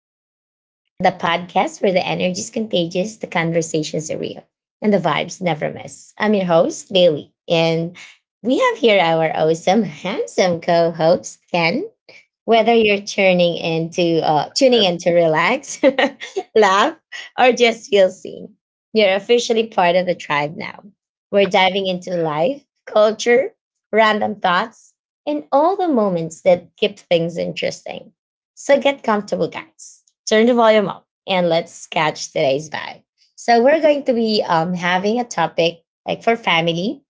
Vibe Tribe. So, the podcast where the energy is contagious, the conversations are real, and the vibes never miss. I'm your host, Bailey, and we have here our awesome, handsome co host, Ken. Whether you're turning into tuning That's in to relax, laugh, or just feel seen, you're officially part of the tribe now. We're diving into life, culture, random thoughts, and all the moments that keep things interesting. So get comfortable, guys. Turn the volume up and let's catch today's vibe. So we're going to be having a topic like for family,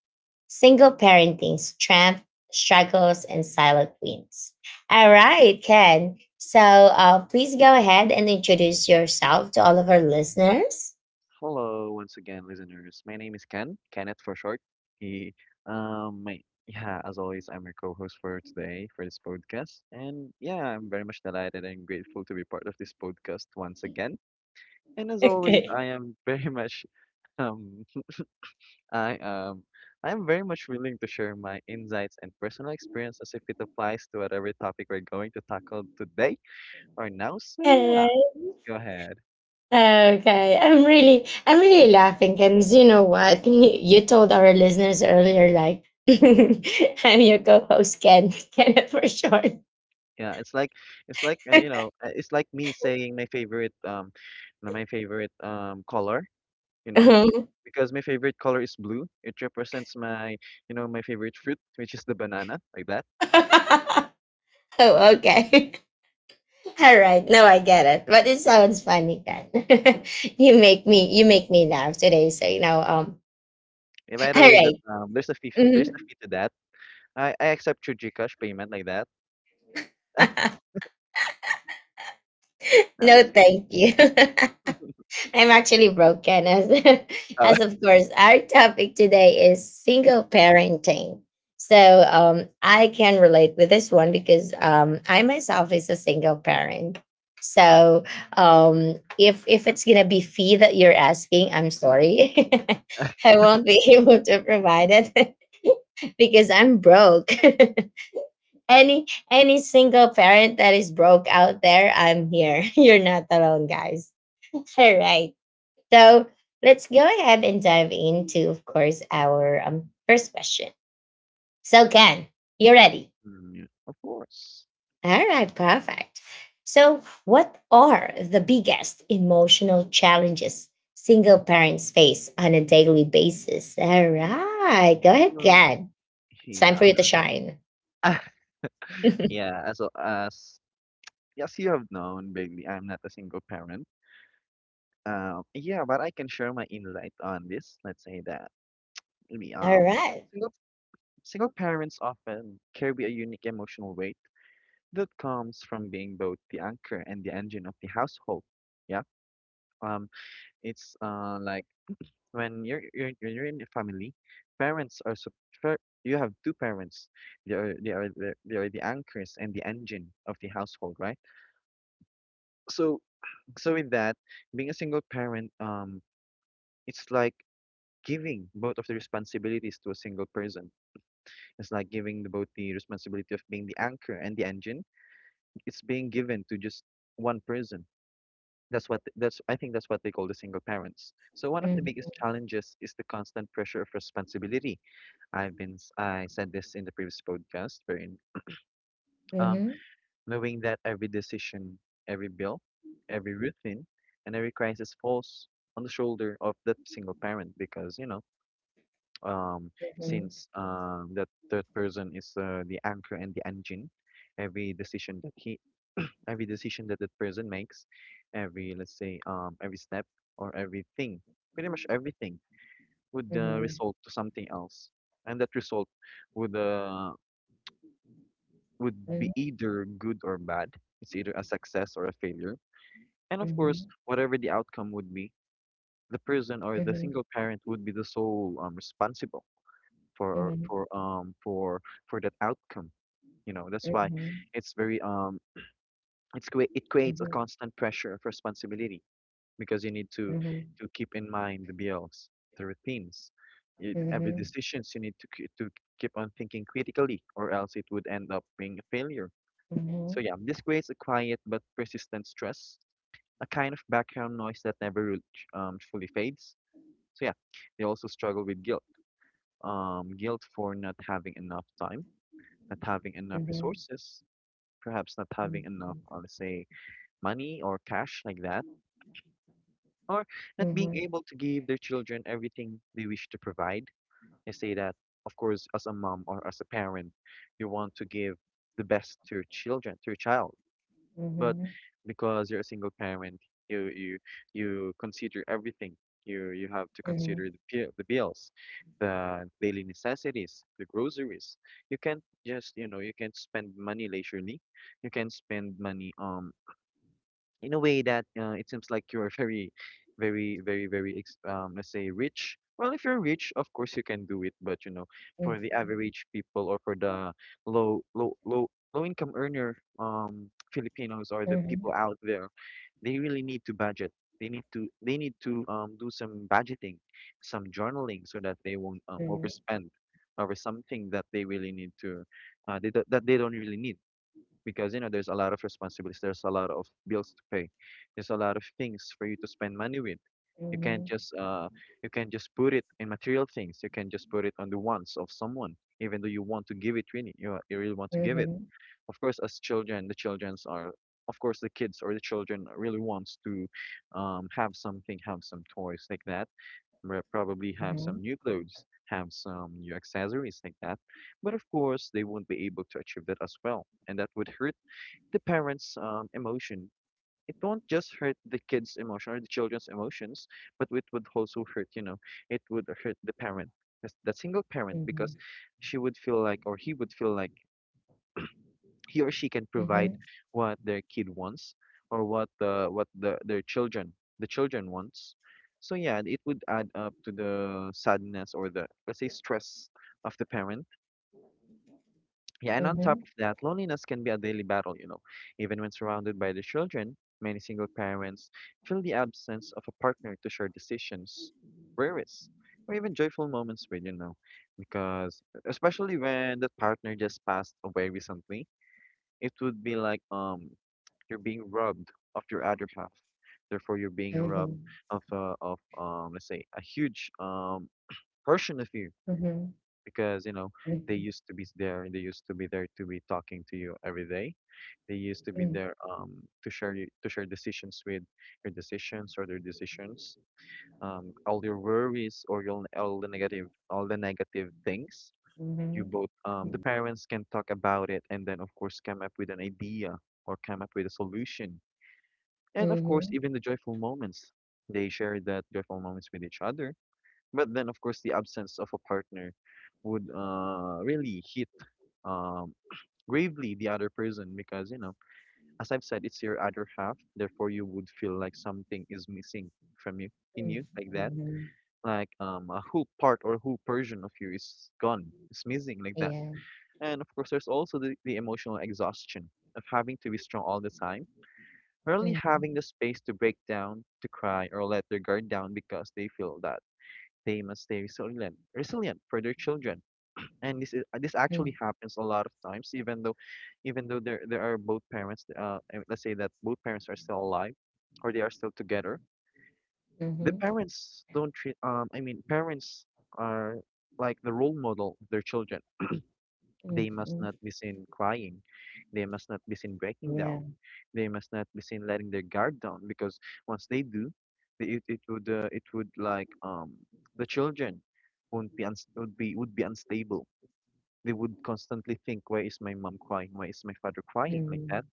single parenting, strength, struggles, and silent wins. All right, Ken. So please go ahead and introduce yourself to all of our listeners. Hello once again, listeners. My name is Ken, Kenneth for short. He, um, my, yeah, as always, I'm your co-host for today for this podcast, and yeah, I'm very much delighted and grateful to be part of this podcast once again. And as always, Okay. I am very much, um, I um, I am very much willing to share my insights and personal experience as if it applies to whatever topic we're going to tackle today or now. So All yeah, right. go ahead. Okay. I'm really laughing, because you know what? You told our listeners earlier, like, I'm your co-host, Ken, Kenneth for short. Yeah, it's like you know, it's like me saying my favorite color, you know, Um, because my favorite color is blue. It represents my favorite fruit, which is the banana, like that. oh, okay. All right. No, I get it. But it sounds funny, Ken. You make me laugh today. So you know. And by All the way, that right. There's a Mm-hmm. fee to that. I accept your Gcash payment like that. No, No, just kidding. thank you. I'm actually broken as Oh, as of course our topic today is single parenting. So I can relate with this one because I myself is a single parent. So if it's gonna be fee that you're asking, I'm sorry. I won't be able to provide it because I'm broke. any any single parent that is broke out there, I'm here. You're not alone, guys. All right. So let's go ahead and dive into, of course, our first question. So, Ken, you ready? Yeah, of course. All right, perfect. So, what are the biggest emotional challenges single parents face on a daily basis? All right. Go ahead, Mm, Ken. It's time for yeah. you to shine. Yeah, as yes, you have known, Bailey, I'm not a single parent. Yeah, but I can share my insight on this. Let's say that maybe All right. single single parents often carry a unique emotional weight that comes from being both the anchor and the engine of the household. Yeah. Um, it's like when you're in a family, parents are sup- fir- you have two parents. They are the anchors and the engine of the household, right? So so, with that, being a single parent, it's like giving both of the responsibilities to a single person. It's like giving both the responsibility of being the anchor and the engine. It's being given to just one person. That's what that's I think that's what they call the single parents. So one of the Mhm, biggest challenges is the constant pressure of responsibility. I said this in the previous podcast, wherein, um, mhm, knowing that every decision, every bill, every routine, and every crisis falls on the shoulder of that single parent, because you know um, mhm, since that third person is the anchor and the engine. Every decision that he, every decision that that person makes, every let's say every step, or everything, pretty much everything would mhm, result to something else, and that result would uh, would be mhm, either good or bad. It's either a success or a failure, and of mhm, course, mhm, whatever the outcome would be, the person or the mhm, mhm, single parent would be the sole responsible for for um for for that outcome. That's why mhm, it's very um it creates a mhm, constant pressure of responsibility, because you need to mhm, to keep in mind the bills, the routines, every mhm, decisions, you need to keep on thinking critically, or else it would end up being a failure. So mhm, yeah, this creates a quiet but persistent stress, a kind of background noise that never really fully fades. So yeah, they also struggle with guilt, guilt for not having enough time, not having enough Mhm, resources, perhaps not having mhm, enough, let's say, money or cash like that, or not being mhm, able to give their children everything they wish to provide. I say that, of course, as a mom or as a parent, you want to give the best to your children, to your child, mhm, but mhm, because you're a single parent, you you you consider everything, you have to mhm, consider the bills, the daily necessities, the groceries. You can't spend money leisurely. You can spend money in a way that it seems like you're very, very, very, very, let's say, rich. Well, if you're rich, of course you can do it, but for mhm, the mhm, average people, or for the low, low, low, low income earner, Filipinos, or the mhm, people mhm, out there, they really need to budget. They need to do some budgeting, some journaling, so that they won't mhm, mhm, overspend over something that they don't really need, because, there's a lot of responsibilities, there's a lot of bills to pay, there's a lot of things for you to spend money with. you can't mhm, just uh you can't just put it in material things, you can just put it on the wants of someone, even though you want to give it, really, you really want to give it. mhm, Of course, as children the children's are of course the kids or the children really wants to have something, have some toys like that, probably have some new clothes, have some new accessories like that. But of course they won't be able to achieve that as well, and that would hurt the parents' emotion. It won't just hurt the kids' emotion or the children's emotions, but it would also hurt, it would hurt the parent, the single parent, because she would feel like, or he would feel like, he or she can provide what their kid wants, or what the children wants. So yeah, it would add up to the sadness, or, the let's say, stress of the parent. Yeah, and on top of that, loneliness can be a daily battle. Even when surrounded by the children, many single parents feel the absence of a partner to share decisions, worries, or even joyful moments with. Because, especially when the partner just passed away recently, it would be like you're being robbed of your other half. Therefore, you're being mhm, robbed mhm, of let's say a huge portion of you, because they used to be there, to be talking to you every day. They used to be mhm, there to share decisions with, your decisions or their decisions, all your worries, or your all the negative things. You mhm. both, the parents can talk about it, and then of course come up with an idea, or come up with a solution. And of course even the joyful moments, they share that joyful moments with each other. But then of course the absence of a partner would really hit um gravely the other person, because as I've said, it's your other half, therefore you would feel like something is missing from you, in Mm-hmm. you, like that, Mm-hmm. like a who part, or who version of you is gone, is missing, like that. Yeah. And of course there's also the emotional exhaustion of having to be strong all the time, rarely having the space to break down, to cry, or let their guard down, because they feel that they must stay resilient for their children. And this actually Mm-hmm. happens a lot of times, even though, even though there are both parents, I mean, let's say that both parents are still alive, or they are still together. The Mm-hmm. parents don't treat I mean Parents are like the role model of their children. They must not be seen crying, they must not be seen breaking down, Yeah. they must not be seen letting their guard down, because once they do, the- it, it would like the children won't be uns- would be unstable. They would constantly think, why is my mom crying? Why is my father crying? Like Mm-hmm. that.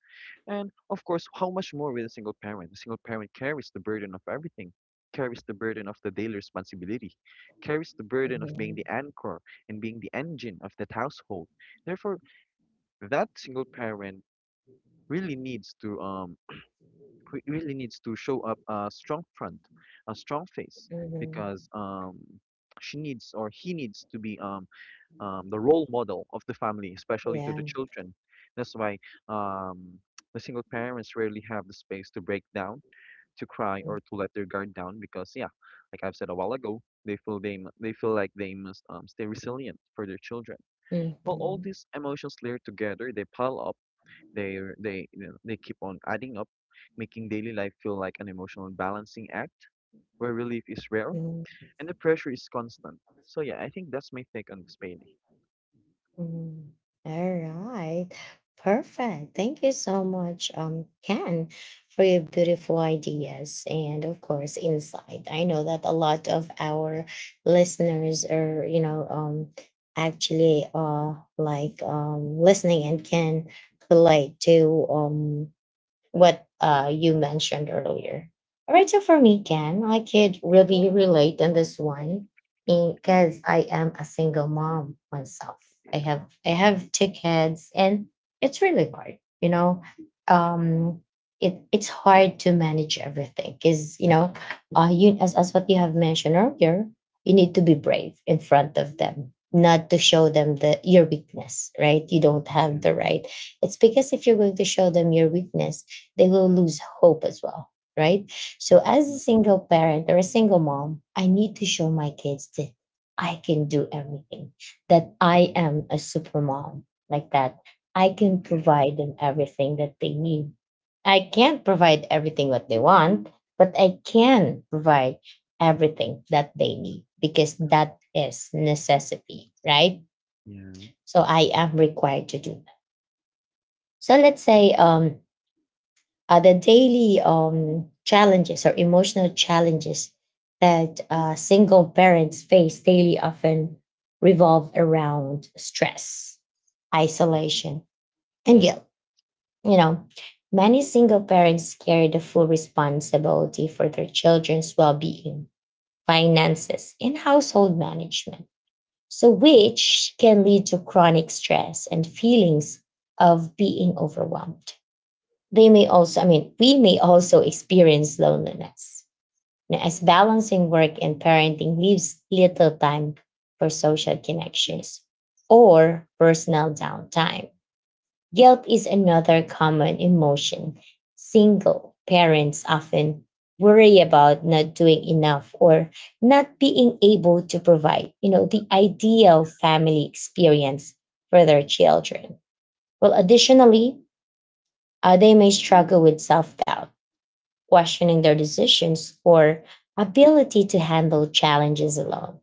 And of course, how much more with a single parent? A single parent carries the burden of everything, carries the burden of the daily responsibility, carries the burden of being the anchor and being the engine of that household. Therefore, that single parent really needs to um really needs to show up a strong front, a strong face, Mm-hmm. because she needs or he needs to be the role model of the family, especially to the Yeah. children. That's why, um, the single parents rarely have the space to break down, to cry, or to let their guard down because, yeah, like I've said a while ago, they feel like they must stay resilient for their children. Well, all Mm-hmm. these emotions layer together, they pile up, they keep on adding up, making daily life feel like an emotional balancing act where relief is rare and the pressure is constant. So yeah, I think that's my take on this, Bailey. Mm-hmm. Mm, all right. Perfect. Thank you so much, Ken, for your beautiful ideas and of course insight. I know that a lot of our listeners are, you know, actually like listening and can relate to what you mentioned earlier. All right, so for me, Ken, I could really relate in this one because I am a single mom myself. I Yeah. have I have two kids, and it's really hard. You know, um, it it's hard to manage everything because you know, you as what you have mentioned earlier, you need to be brave in front of them, not to show them the your weakness. Right? You don't have Hmm. the right. It's because if you're going to show them your weakness, they will lose hope as well, right? So, as a Mhm, single parent or a single mom, I need to show my kids that I can do everything, that I mhm. am a super mom, like that. I can Yeah, provide them everything that they need. I can't provide everything what they want, but I can provide everything that they need because that is necessity, right? yeah. So I am required to do that. So let's say the daily challenges or emotional challenges that single parents face daily often revolve around stress, Mhm, isolation, and guilt. You know, many single parents carry the full responsibility for their children's well being, finances, and household management. So, which can lead to chronic stress and feelings of being overwhelmed. They may also, I mean, we may also experience loneliness, you know, as balancing work and parenting leaves little time for social connections or personal downtime. Guilt is another common emotion. Single parents often worry about not doing enough or not being able to provide, you know, the ideal family experience for their children. Well, additionally, they may struggle with self doubt, questioning their decisions, or ability to handle challenges alone.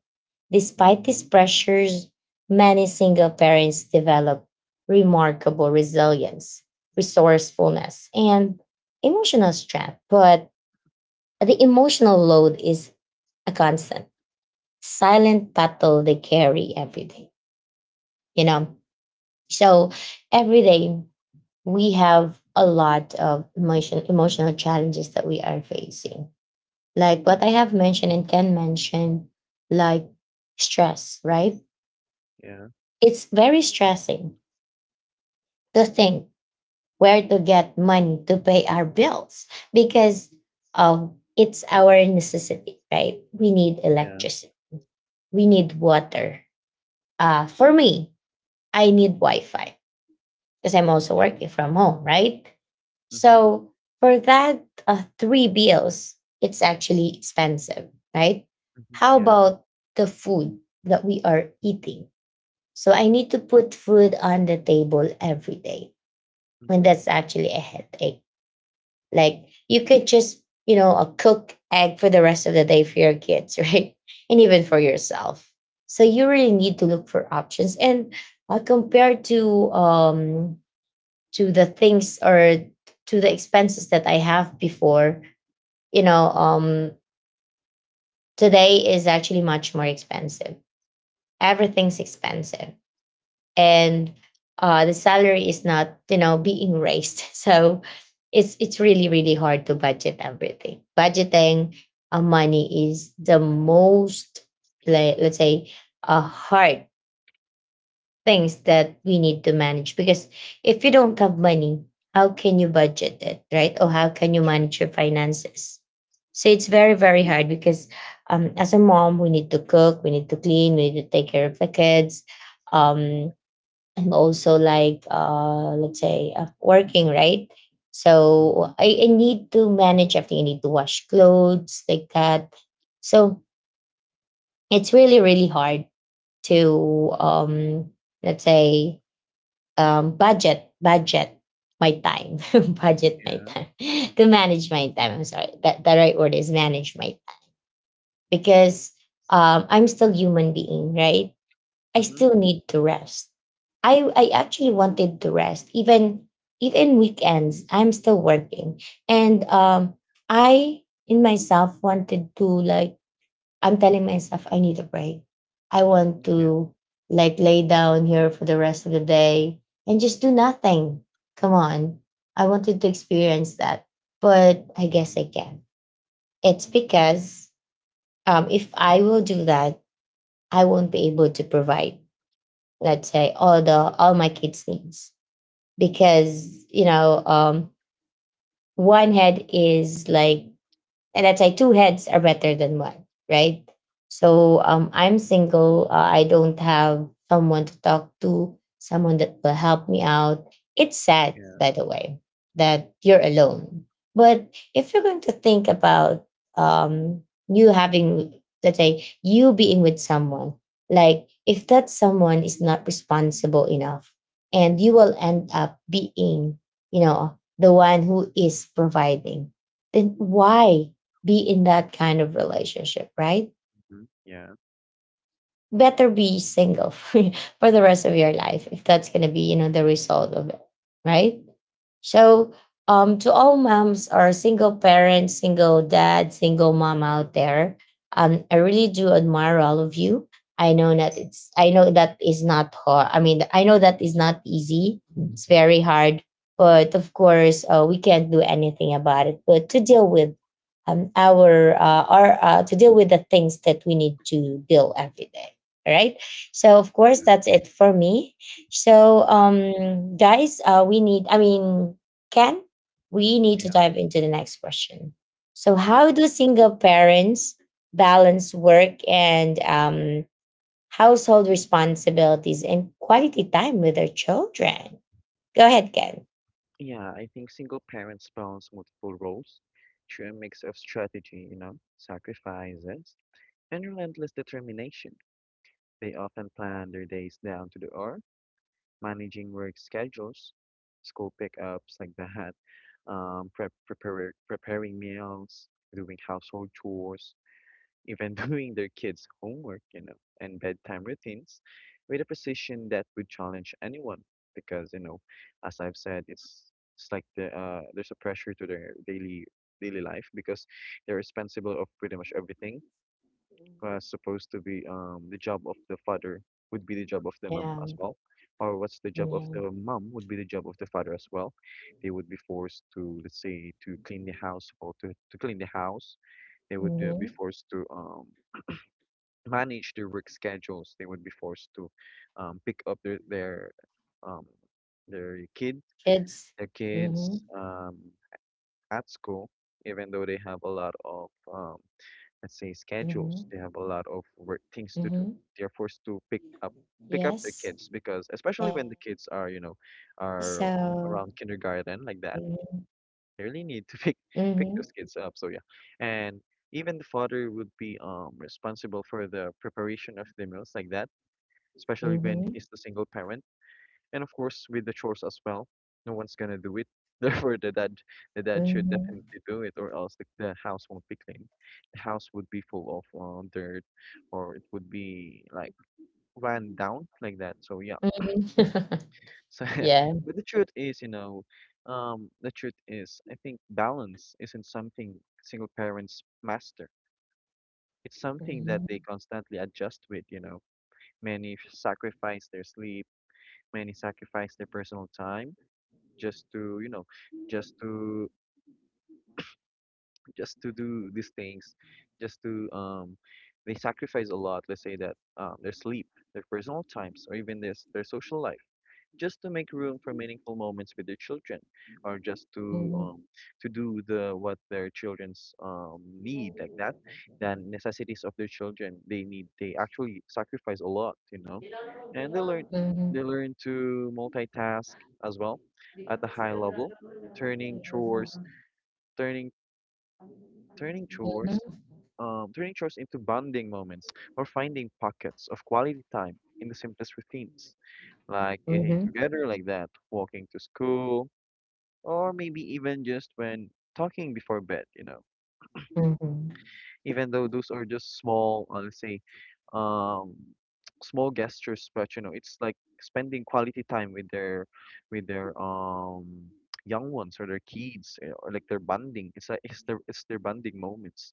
Despite these mhm. pressures, many single parents develop remarkable resilience, resourcefulness, and emotional strength. But the emotional load is a constant, silent battle they carry every day, you know? So every day we have a lot of emotion, emotional challenges that we are facing, like what I have mentioned and can mention, like stress, right? Yeah, It's very stressing to think where to get money to pay our bills because it's our necessity, right? We need yeah, electricity, we need water. For me, I need Wi Fi, because I'm also yeah. working from home, right? Mhm, So for that three bills, it's actually expensive, right? mhm. How Yeah, about the food that we are eating? So I need to put food on the table every day, and mhm. that's actually a headache. Like you could just, you know, cook egg for the rest of the day for your kids, right? And even for yourself. So you really need to look for options. And compared to the things or to the expenses that I have before, you know, today is actually much more expensive. Everything's expensive. And the salary is not, you know, being raised. So it's really, really hard to budget everything. Budgeting money is the most, let's say, a hard things that we need to manage because if you don't have money, how can you budget it, right? Or how can you True. manage your finances? So it's very, very hard because as a mom we need to cook, we need to clean, we need to take care of the kids, um, and also like let's say working, right? So Mhm. I need to manage everything. I need to wash clothes like that. So it's really, really hard to let's say budget my time budget my Yeah. time to manage my time. I'm sorry that the right word is manage my time. Because I'm still human being, right? I Mhm. still need to rest. I actually wanted to rest, even even weekends I'm still working, and I in myself wanted to like, I'm telling myself I need a break. I want Yeah. to like lay down here for the rest of the day and just do nothing. Come on. I wanted to experience that, but I guess Mhm. I can. It's because if I will do that, I won't be able to provide, let's say, all the all my kids' needs because you know one head is like, and let's say two heads are better than one, right? So I'm single. I don't have someone to talk to, someone that will help me out. It's sad, Yeah. by the way, that you're alone. But if you're going to think about um, you having, let's say, you being with someone, like if that someone is not responsible enough, and you will end up being, you know, the one who is providing, then why be in that kind of relationship, right? Mhm. Yeah. Better be single for the rest of your life if that's going to be, you know, the result of it, right? Mhm. So, to all moms or single parents, single dad, single mom out there, I really do admire all of you. I know that it's, I know that is not hard. I mean, I know that is not easy. It's very hard, but of course, we can't do anything about it. But to deal with, to deal with the things that we need to deal every day. All right. So, of course, Yeah. that's it for me. So, guys, we need, I mean, Ken, we need to Yeah, dive into the next question. So, of how do course. single parents balance work and household responsibilities and quality time with their children? Go ahead, Ken. Yeah, I think single parents balance multiple roles through a mix of strategy, sacrifices, and relentless determination. They often plan their days down to the hour, managing work schedules, school pickups like that, preparing meals, doing household chores, even doing their kids' homework, and bedtime routines with a precision that would challenge anyone. Because, you know, as I've said, it's like there's a pressure to their daily life because they're responsible of pretty much everything, supposed to be the job of the father would be the job of the mom Yeah. as well, or what's the job of Yeah. the mom would be the job of the father as well. They would be forced to, let's say, to clean the house or to clean the house. They would be hmm forced to manage their work schedules. They would be forced to pick up their um their kid Kids. their Mm-hmm. kids, at school, even though they have a lot of let's say schedules. Mm-hmm. They have a lot of work things to Mm-hmm. do. They're forced to pick up their Yes. kids because, especially when the And kids are, you know, okay, are, so. around kindergarten like that. Mm-hmm. They really need to pick pick Mm-hmm. those kids up. So yeah. And even the father would be responsible for the preparation of the meals like that, especially when he's the single parent, and of course, with the chores as well, no one's gonna do it. Therefore, the dad should Mm-hmm. definitely do it, or else the house won't be clean. The house would be full of dirt, or it would be like run down like that. So yeah. Mhm. So, Yeah. but the truth is, you know, the truth is, I think balance isn't something single parents master. It's something Mhm, that they constantly adjust with. You know, many sacrifice their sleep, many sacrifice their personal time just to, just to just to do these things, just to they sacrifice a lot, let's say that, their sleep, their personal times, or even this their social life, just to make room for meaningful moments with their children, or just mhm. um to do the what their children's need like that, than necessities of their children they need, they actually sacrifice a lot, you know. And they learn, Mhm. To multitask as well, Mhm, at a high mhm, level, turning mhm, chores turning turning chores turning chores into bonding moments, or finding pockets of quality time in the simplest routines, like eating together like that, walking to school, or maybe even just when talking before bed, you know, even though those are just small, let's say, um, small gestures, but you know, it's like spending quality time with their young ones or their kids, you know, or like their bonding. It's their, bonding moments.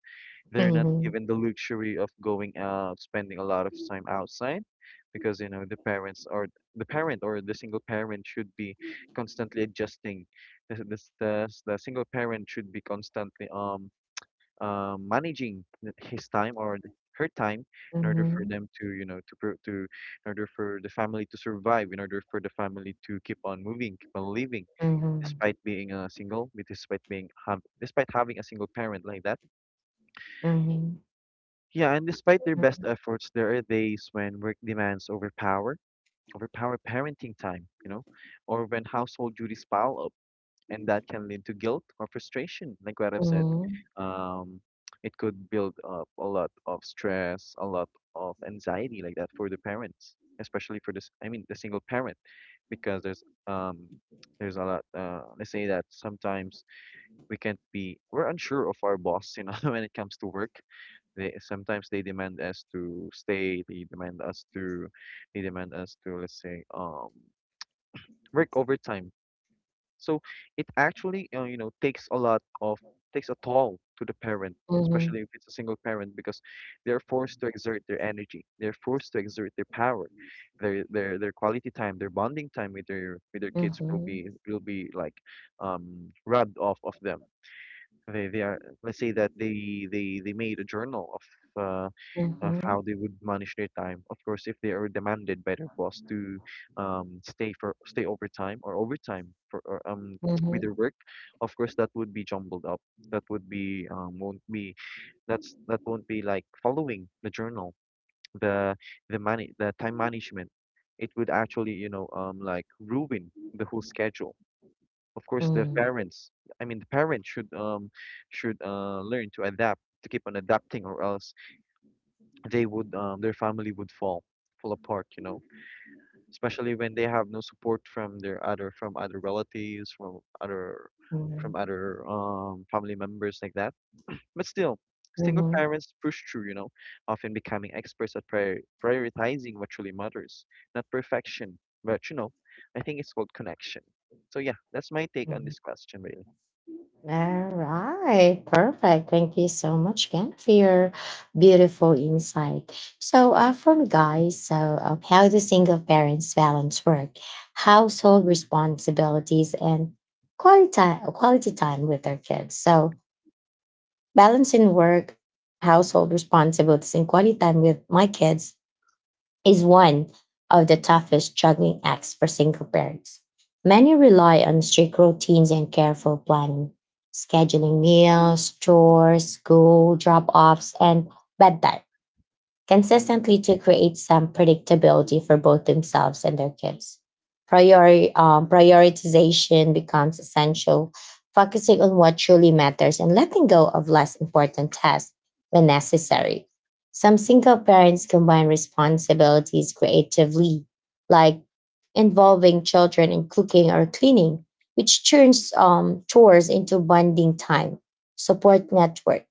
They're not given the luxury of going out, spending a lot of time outside, because you know the parents, or the single parent should be constantly adjusting. The single parent should be constantly managing his time or her time in order for them to, you know, to, in order for the family to survive, in order for the family to keep on moving, keep on living despite being, despite being hav despite having a single parent like that. mhm, mhm, mhm, Yeah, and despite their best efforts, there are days when work demands overpower parenting time, you know, or when household duties pile up, and that can lead to guilt or frustration. Like what I've said, um, it could build up a lot of stress, a lot of anxiety, like that, for the parents, especially for this. I mean, the single parent, because there's, there's a lot. Let's say that sometimes we can't be, we're unsure of our boss. You know, when it comes to work, they demand us to stay. They demand us to, let's say, work overtime, so it actually, you know, takes a toll to the parent, mhm, mhm, especially mhm. if it's a single parent, because they're forced to exert their energy, they're forced to exert their power. Their quality time, their bonding time with their, kids will Mhm, be, like rubbed off of them. They are, let's say that, they made a journal of, mhm, of how mhm, they would manage their time. Of course, if they are demanded by their boss to, stay overtime, or overtime for, or, with their work, of course that would be jumbled up. That would be, won't be that won't be like following the journal, the the time management. It would actually, you know, like ruin the whole schedule. Of course, the parents. I mean, the parents should, should learn to adapt, to keep on adapting, or else they would, their family would fall apart, you know, especially when they have no support from their other, from other, from mhm, other, family members like that. But still, mhm, single mhm. parents push through, you know, often becoming experts at prioritizing what truly matters, not perfection, but you know, I think it's called connection. So yeah, that's my take on Mhm. this question really. All right, perfect. Thank you so much Ken, for your beautiful insight. So, from guys, so how do single parents balance work, household responsibilities, and quality time with their kids? So, balancing work, household responsibilities, and quality time with my kids is one of the toughest juggling acts for single parents. Many rely on strict routines and careful planning, scheduling meals, chores, school drop offs, and bedtime Mm. consistently to create some predictability for both themselves and their kids. Prioritization becomes essential, focusing on what truly matters and letting go of less important tasks when necessary. Some single parents combine responsibilities creatively, like involving children in cooking or cleaning, which turns chores into bonding time. Support network,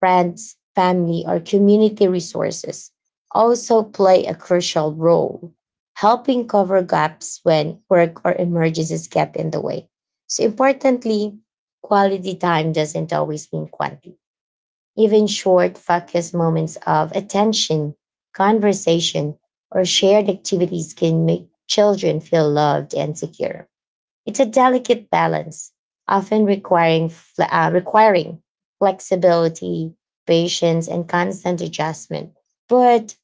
friends, family, or community resources also play a crucial role, helping cover gaps when work or emergencies get in the way. So, importantly, quality time doesn't always mean quantity. Even short, focused moments of attention, conversation, or shared activities can make children feel loved and secure. It's a delicate balance, often requiring requiring flexibility, patience, and constant adjustment. But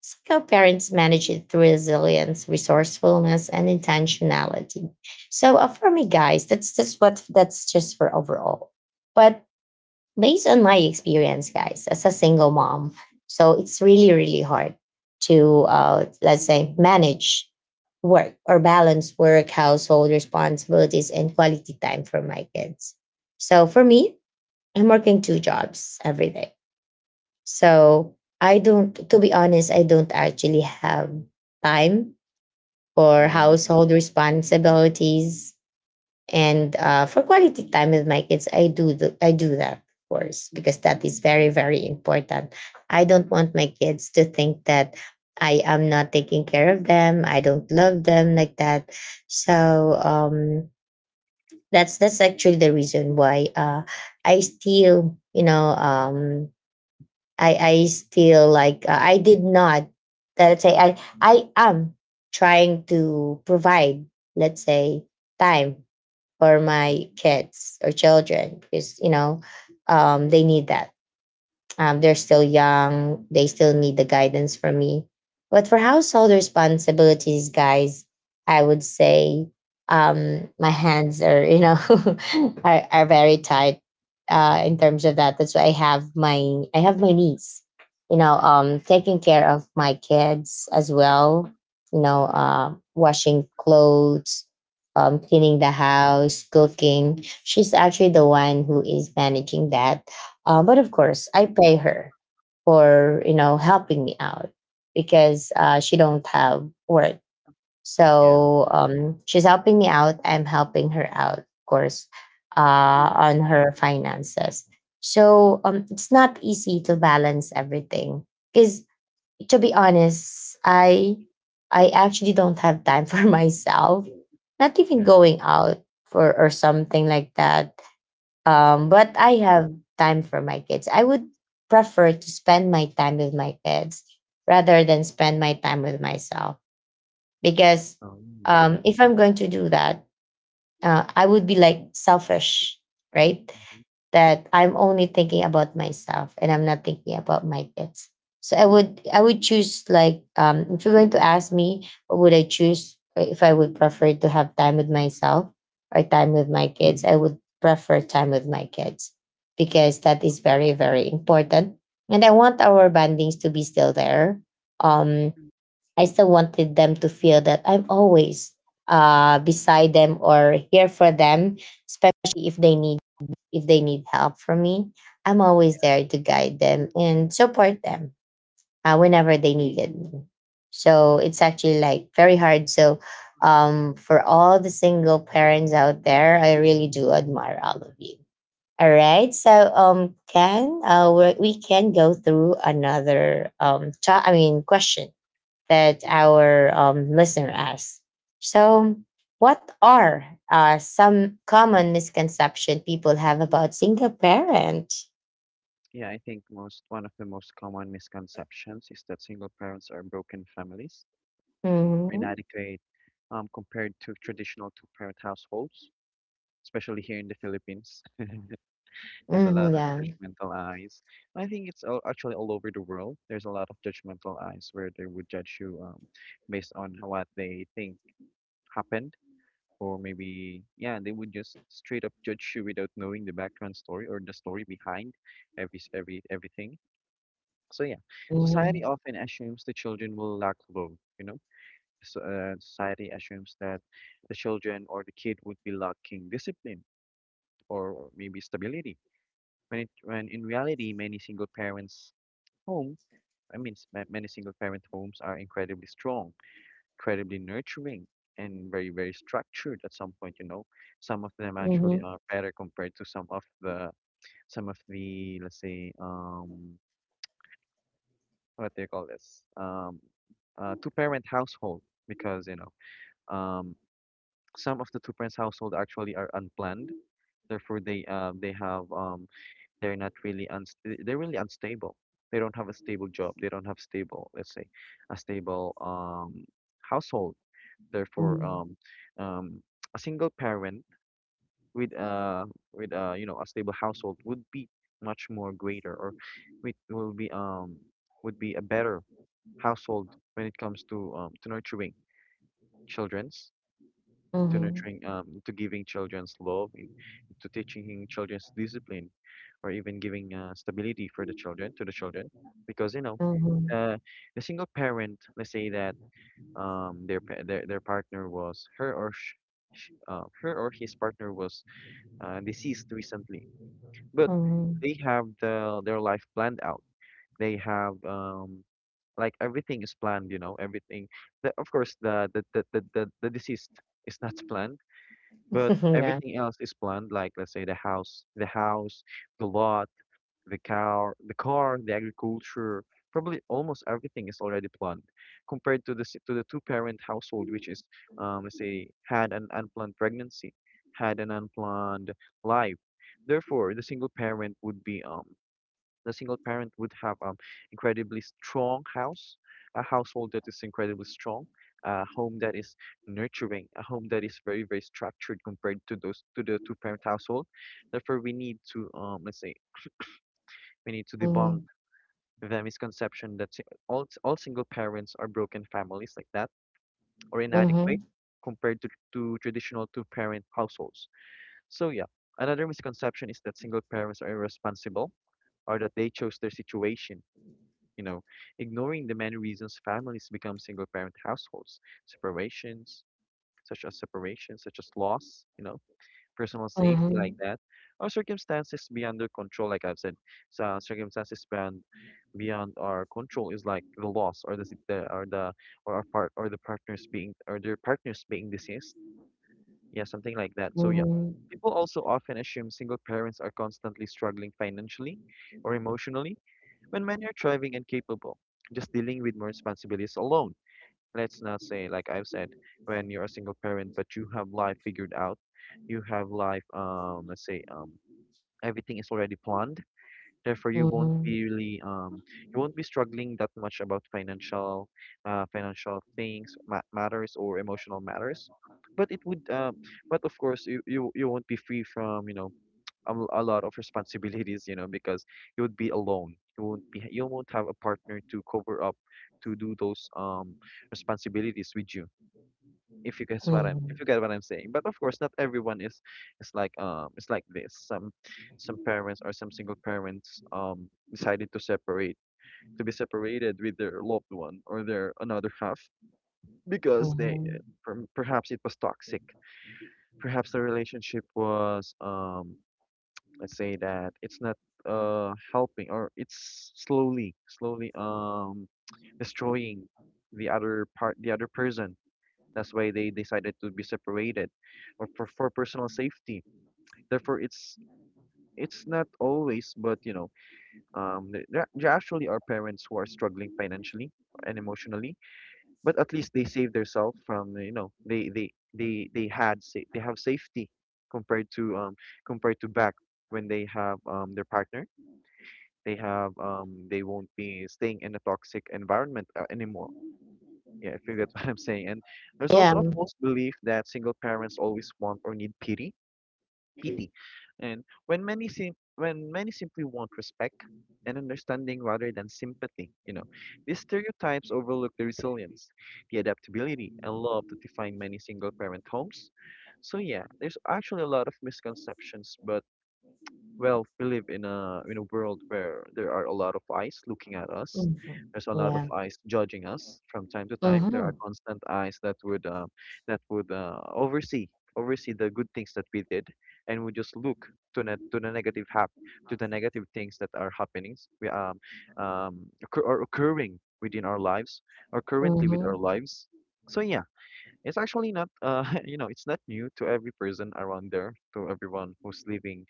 single parents manage it through resilience, resourcefulness, and intentionality. So for me, guys, that's just for overall. But based on my experience, guys, as a single mom, so it's really, really hard to, let's say, manage work, or balance work, household responsibilities, and quality time for my kids. So for me, I'm working two jobs every day. So I don't, to be honest, I don't actually have time for Yeah. household responsibilities, and for quality time with my kids, I do I do that, of course, because that is very, Hmm. very important. I don't want my kids to think that I am not taking care of them, I don't love them like that. So that's actually the reason why I still, you know, I still like, I did not, let's say, I am trying to provide, let's say, time for my kids or children, because, you know, they need that. They're still young, they still need the guidance from me. But for household responsibilities, guys, I would say, my hands are, you know, are very tight in terms of that. That's why I have my niece, you know, taking care of my kids as well, you know, washing clothes, cleaning the house, cooking. She's actually the one who is managing that, but of course, I pay her for, you know, helping me out, because she don't have work. Yeah, So she's helping me out, I'm helping her out, of course, uh, on her finances. So it's not easy to balance everything because, to be honest, I actually don't have time for myself. Not even yeah. going out for or something like that. But I have time for my kids. I would prefer to spend my time with my kids rather than spend my time with myself, because Oh. If I'm going to do that, I would be like selfish, right? That I'm only thinking about myself and I'm not thinking about my kids. So I would choose like, if you're going to ask me, what would I choose, if I would prefer to have time with myself or time with my kids, I would prefer time with my kids, because that is very, very important. And I want our bandings to be still there. Um, I still wanted them to feel that I'm always beside them or here for them, especially if they need, if they need help from me. I'm always there to guide them and support them whenever they needed me. So it's actually like very hard. So for all the single parents out there, I really do admire all of you. All right, so can, we can go through another question that our listener asked. So, what are some common misconception people have about single parent? Yeah, I think most, one of the most common misconceptions is that single parents are broken families or Hmm. inadequate, compared to traditional two-parent households, especially here in the Philippines. There's a lot Hmm. of Yeah. judgmental eyes. I think it's all, actually all over the world. There's a lot of judgmental eyes where they would judge you, based on what they think happened, or maybe yeah, they would just straight up judge you without knowing the background story or the story behind everything. So yeah, Hmm. society often assumes the children will lack love. You know, so, society assumes that the children or the kid would be lacking discipline, or maybe stability. When in reality, many single home, I mean, many single parent homes are incredibly strong, incredibly nurturing, and very, very structured. At some point, you know, some of them actually Hmm. are better compared to some of the, let's say, what do you call this, two parent household, because you know, um some of the two parent household actually are unplanned. Therefore, they, they have, they're not really uns they- they're really unstable. They don't have a stable job, they don't have stable, let's say, a stable, household. Therefore, Hmm. Um a single parent with, with, you know, a stable household would be much more greater, or it will be, would be a better household when it comes to, to nurturing children's, to Hmm. nurturing, to giving children's love to teaching children's discipline, or even giving, stability for the children, to the children, because you know, Hmm. uh, the single parent, let's say that, their, their partner was her or sh- sh- her or his partner was, deceased recently, but Hmm. they have the, their life planned out. They have, like everything is planned, you know, everything. The, of course, the deceased is not planned, but Yeah. everything else is planned. Like let's say the house, the lot, the cow, the car, the agriculture. Probably almost everything is already planned, compared to the to the two-parent household, which is, let's say, had an unplanned pregnancy, had an unplanned life. Therefore, the single parent would be, the single parent would have, incredibly strong house, a household that is incredibly strong, a home that is nurturing, a home that is very, very structured, compared to those, to the two parent household. Therefore, we need to, let's say we need to debunk Hmm. the misconception that all single parents are broken families like that, or inadequate Hmm. compared to traditional two parent households. So yeah, another misconception is that single parents are irresponsible, or that they chose their situation, you know, ignoring the many reasons families become single-parent households, separations, separations, such as loss, you know, personal safety like Hmm. that, or circumstances beyond their control, like I've said. So, circumstances beyond, our control is like the loss, or our part or the partners being or their partners being deceased, yeah, something like that. So yeah. Hmm. People also often assume single parents are constantly struggling financially or emotionally, when men are thriving and capable, just dealing with more responsibilities alone. Let's not say, like I've said, when you're a single parent but you have life figured out, you have life, let's say, everything is already planned. Therefore, you won't Hmm. be really, you won't be struggling that much about financial, financial things, ma matters or emotional matters. But it would, um, but of course, you won't be free from, a lot of responsibilities, because you would be alone. You won't have a partner to cover up to do those responsibilities with you. If you guess what I'm Hmm. if you get what I'm saying. But of course not everyone is it's like this. Some parents or some single parents decided to separate to be separated with their loved one or their another half because they Hmm. Perhaps it was toxic. Perhaps the relationship was let's say that it's not helping or it's slowly destroying the other person. That's why they decided to be separated or for, personal safety. Therefore it's not always, but you know there actually are parents who are struggling financially and emotionally, but at least they save themselves from, you know, they had they have safety compared to compared to back when they have their partner. They have they won't be staying in a toxic environment anymore. Yeah, if you get what I'm saying. And there's also a Yeah. false belief that single parents always want or need pity, pity and when when many simply want respect and understanding rather than sympathy, you know. These stereotypes overlook the resilience, the adaptability, and love that define many single parent homes. So yeah, there's actually a lot of misconceptions. But well, we live in a world where there are a lot of eyes looking at us. Hmm. There's a lot of Yeah. eyes judging us from time to time. There Hmm. are constant eyes that would oversee, the good things that we did, and would just look to the negative hap to the negative things that are happenings we occur or occurring within our lives or currently with our lives. So yeah, it's actually not you know, it's not new to every person around there, to everyone who's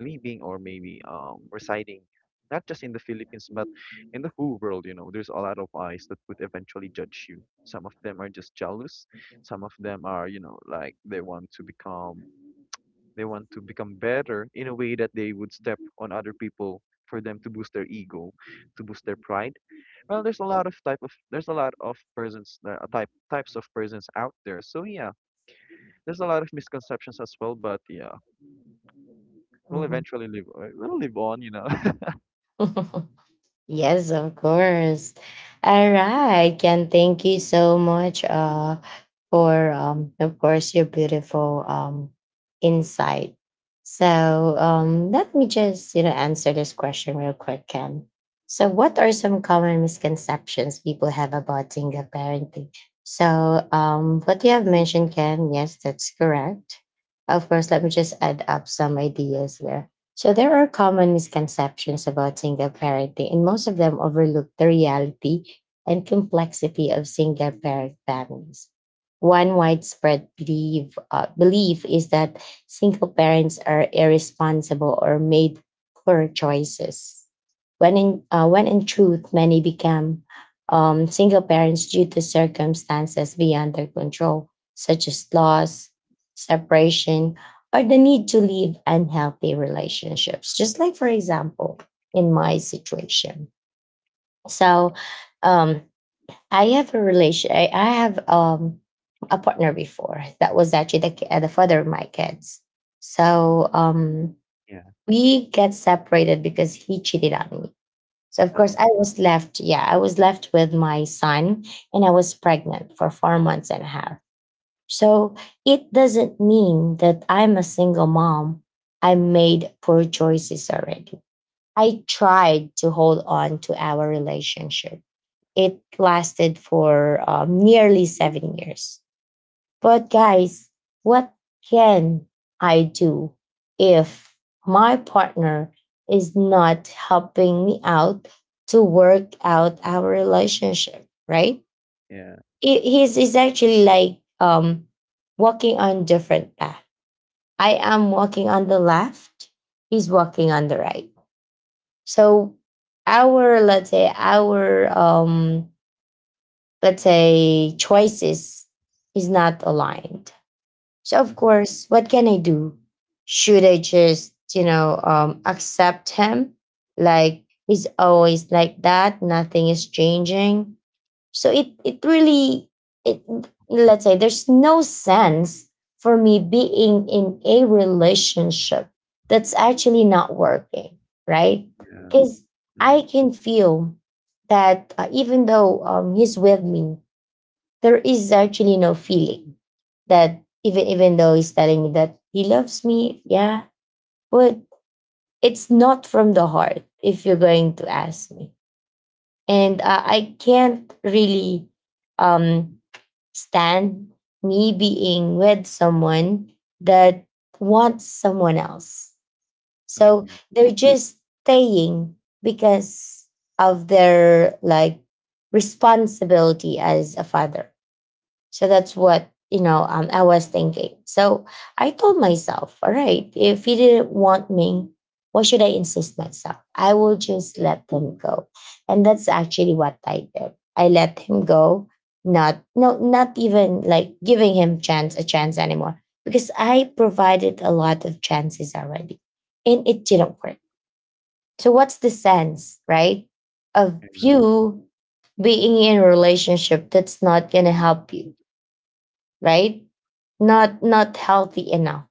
living or maybe residing not just in the Philippines, but in the whole world. You know, there's a lot of eyes that would eventually judge you. Some of them are just jealous. Some of them are, you know, like they want to become, better in a way that they would step on other people for them to boost their ego, to boost their pride. Well, there's a lot of type of there's a lot of persons type types of persons out there. So yeah, there's a lot of misconceptions as well. But yeah, we'll eventually live we'll live on, you know. Hmm. Yes, of course. All right, Ken, thank you so much, for, of course, your beautiful, insight. So let me just, you know, answer this question real quick, Ken. So what are some common misconceptions people have about single parenting? So what you have mentioned, Ken, yes, that's correct. Of course, let me just add up some ideas here. So there are common misconceptions about single parenting, and most of them overlook the reality and complexity of single parent families. One widespread belief, belief is that single parents are irresponsible or made poor choices. When in truth, many become single parents due to circumstances beyond their control, such as loss, separation, or the need to leave unhealthy relationships. Just like, for example, in my situation. So, um, I have a relation. I have a partner before that was actually the, the father of my kids. So we get separated because he cheated on me. So of Oh, course I was left. Yeah, I was left with my son, and I was pregnant for 4 months and a half. So it doesn't mean that I'm a single mom, I made poor choices already. I tried to hold on to our relationship. It lasted for nearly 7 years. But guys, what can I do if my partner is not helping me out to work out our relationship, right? yeah. He's actually like walking on different path. I am walking on the left, he's walking on the right. So our, let's say, our let's say, choices is not aligned. So of Mhm. course, what can I do? Should I just, you know, accept him, like he's always like that, nothing is changing. So it really, it, let's say, there's no sense for me being in a relationship that's actually not working, right? Yeah. Because I Mhm. can feel that even though he's with me, there is actually no feeling. That even though he's telling me that he loves me, yeah, but it's not from the heart. If you're going to ask me. And I can't really um stand me being with someone that wants someone else. Oh, So yeah. they're just staying because of their like responsibility as a father. So that's what, you know, I was thinking. So I told myself, all right, if he didn't want me, why should I insist myself? I will just let him go, and that's actually what I did. I let him go, not no, not even like giving him chance a chance anymore, because I provided a lot of chances already, and it didn't work. So what's the sense, right, of Yeah. you being in a relationship that's not going to help you, right? Not, not healthy enough.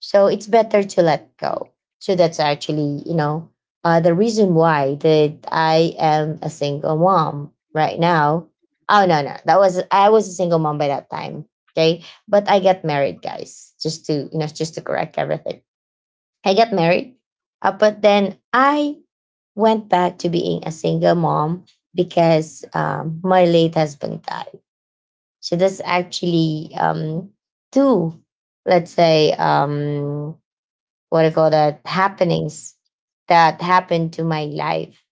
So it's better to let go. So that's actually, you know, the reason why that I am a single mom right now. Oh no, no, that was, I was a single mom by that time. Okay, but I got married, guys. Just to, you know, just to correct everything, I got married. But then I went back to being a single mom, because my late husband died. So that's actually two, let's say, what I call that, happenings that happened to my life,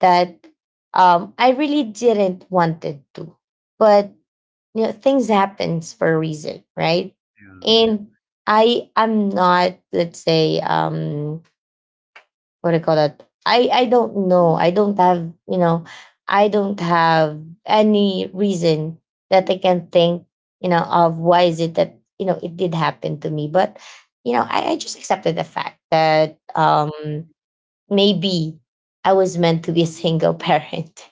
that I really didn't wanted to. But you know, things happens for a reason, right? Yeah. Yeah. And I am not, let's say, what do you call that? I don't know. I don't have, you know, I don't have any reason that I can think, you know, of why is it that, you know, it did happen to me. But you know, I just accepted the fact that maybe I was meant to be a single parent.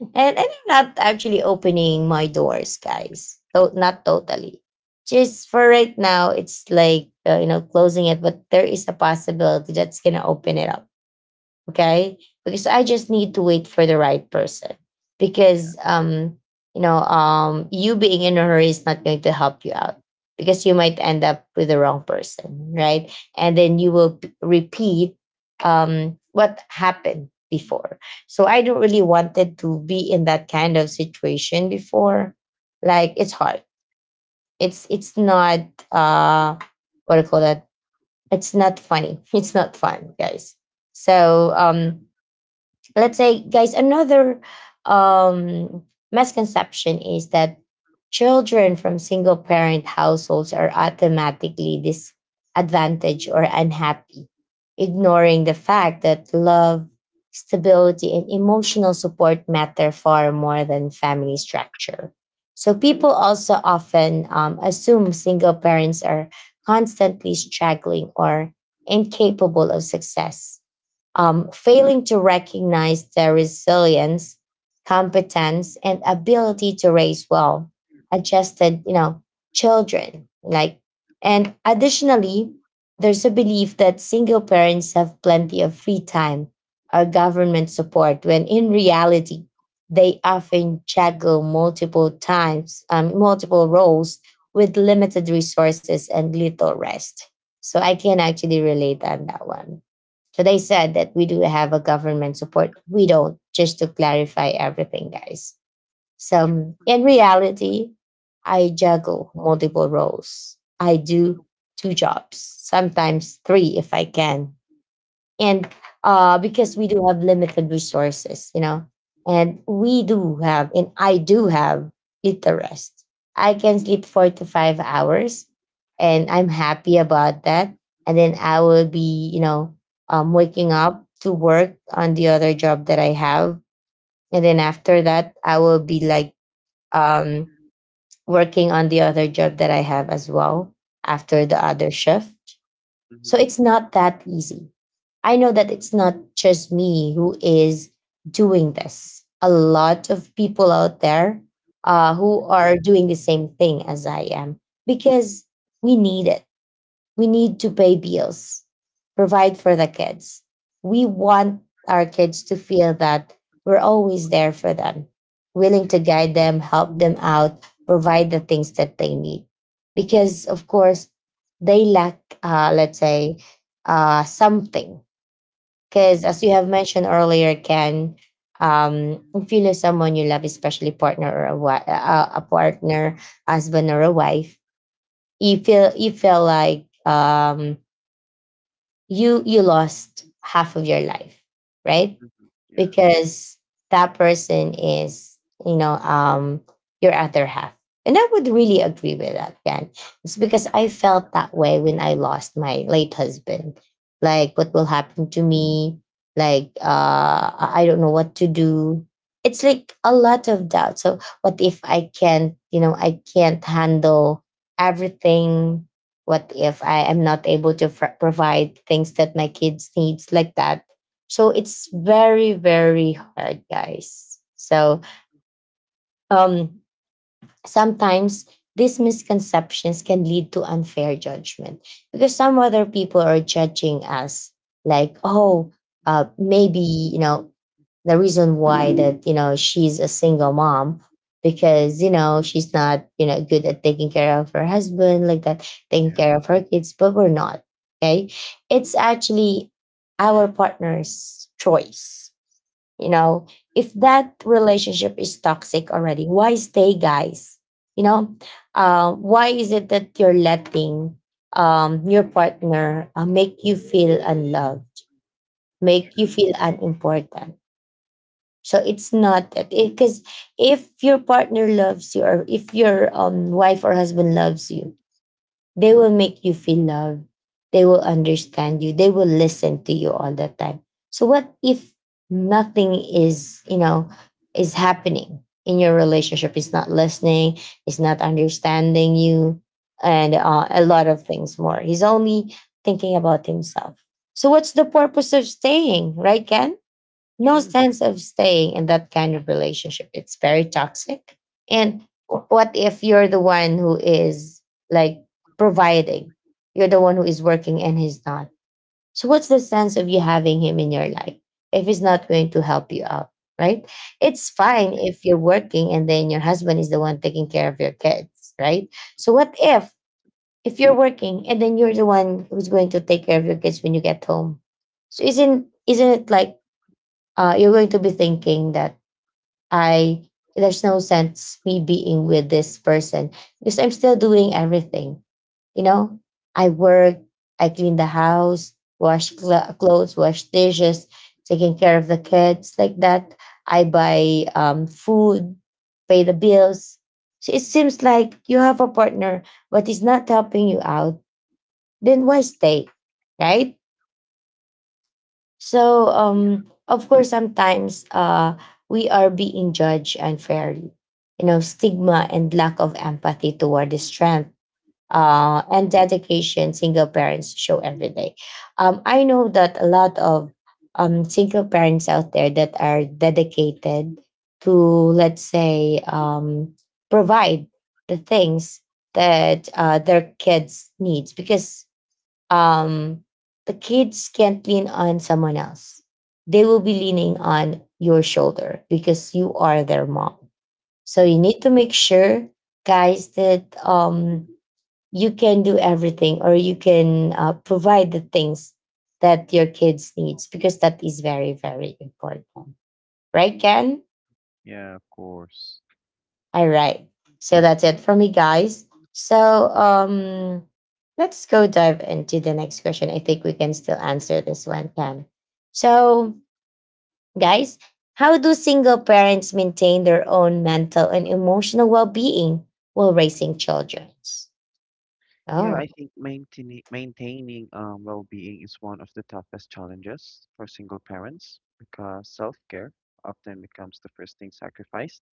And I'm not actually opening my doors, guys. Not totally. Just for right now, it's like, you know, closing it, but there is a possibility that's gonna open it up. Okay, because I just need to wait for the right person. Because you know, you being in a hurry is not going to help you out, because you might end up with the wrong person, right? And then you will repeat what happened before. So I don't really wanted to be in that kind of situation before. Like, it's hard, it's not, uh what do you call that, it's not funny. It's not fun, guys. So let's say, guys, another um misconception is that children from single parent households are automatically disadvantaged or unhappy, ignoring the fact that love, stability, and emotional support matter far more than family structure. So people also often assume single parents are constantly struggling or incapable of success, failing to recognize their resilience, competence, and ability to raise well adjusted, you know, children. Like, and additionally, there's a belief that single parents have plenty of free time or government support, when in reality, they often juggle multiple times, multiple roles with limited resources and little rest. So I can actually relate on that one. So they said that we do have a government support. We don't, just to clarify everything, guys. So Tr- in reality, I juggle multiple roles. I do two jobs, sometimes three if I can, and because we do have limited resources, you know, and I do have little rest. I can sleep 4 to 5 hours and I'm happy about that. And then I will be, waking up to work on the other job that I have. And then after that, I will be like, um working on the other job that I have as well, after the other shift. So Mhm. it's not that easy. I know that it's not just me who is doing this. A lot of people out there, who are doing the same thing as I am, because we need it. We need to pay bills, provide for the kids. We want our kids to feel that we're always there for them, willing Yeah. to guide them, help them out, provide the things that they need. Because, of course, they lack, let's say, something. Because, Mhm. as you have mentioned earlier, Ken, if you know someone you love, especially partner or a, a partner, husband or a wife, you feel like, you lost half of your life, right? Mhm. Yeah. Because that person is, you know, um, your other half. And I would really agree with that, Jan. It's because I felt that way when I lost my late husband. Like, what will happen to me? Like, I don't know what to do. It's like a lot of doubt. So, what if I can't, you know, I can't handle everything? What if I am not able to provide things that my kids needs, like that? So it's very, very hard, guys. So, um, sometimes these misconceptions can lead to unfair judgment because some other people are judging us like, oh, maybe, you know, the reason why that, you know, she's a single mom because, you know, she's not, you know, good at taking care of her husband, like that, taking Yeah. care of her kids, but we're not. Okay. It's actually our partner's choice, you know. If that Agree. relationship is toxic already, why stay, guys? You know, why is it that you're letting, your partner, make you feel unloved, make you True. feel unimportant? So it's not that, because if your partner loves you, or if your, wife or husband loves you, they will make you feel loved. They will understand you. They will listen to you all the time. So what if nothing is, you know, is happening in your relationship? It's not listening, it's not understanding you, and a lot of things more. He's only thinking about himself. So what's the purpose of staying, right, Ken? No True. sense of staying in that kind of relationship. It's very toxic. And what if you're the one who is, like, providing? You're the one who is working and he's not. So what's the sense of you having him in your life if he's not going to help you out, right? It's fine Agree. if you're working and then your husband is the one taking care of your kids, right? So what if you're working and then you're the one who's going to take care of your kids when you get home? So isn't it like, you're going to be thinking that I, there's no sense me being with this person because I'm still doing everything. You know, I work, I clean the house, wash clothes, wash dishes, taking care of the kids, like that. I buy, food, pay the bills. So it seems like you have a partner, but he's not helping you out. Then why stay, right? So, of course, sometimes, we are being judged unfairly. You know, stigma and lack of empathy toward the strength, and dedication single parents show every day. I know that a lot of, single parents out there that are dedicated to, let's say, provide the things that, their kids needs, because, um, the kids can't lean on someone else. They will be leaning on your shoulder because you are their mom. So you Mhm. need to make sure, guys, that, you can do everything, or you can, provide the things that your kids needs, because that is very, very important, right, Ken? Yeah, of course. All right. So that's it for me, guys. So, let's go dive into the next question. I think we can still answer this one, Pam. So, guys, how do single parents maintain their own mental and emotional well being while raising children? Yeah, I Oh. think maintaining well-being is one of the toughest challenges for single parents, because self-care often becomes the first thing sacrificed.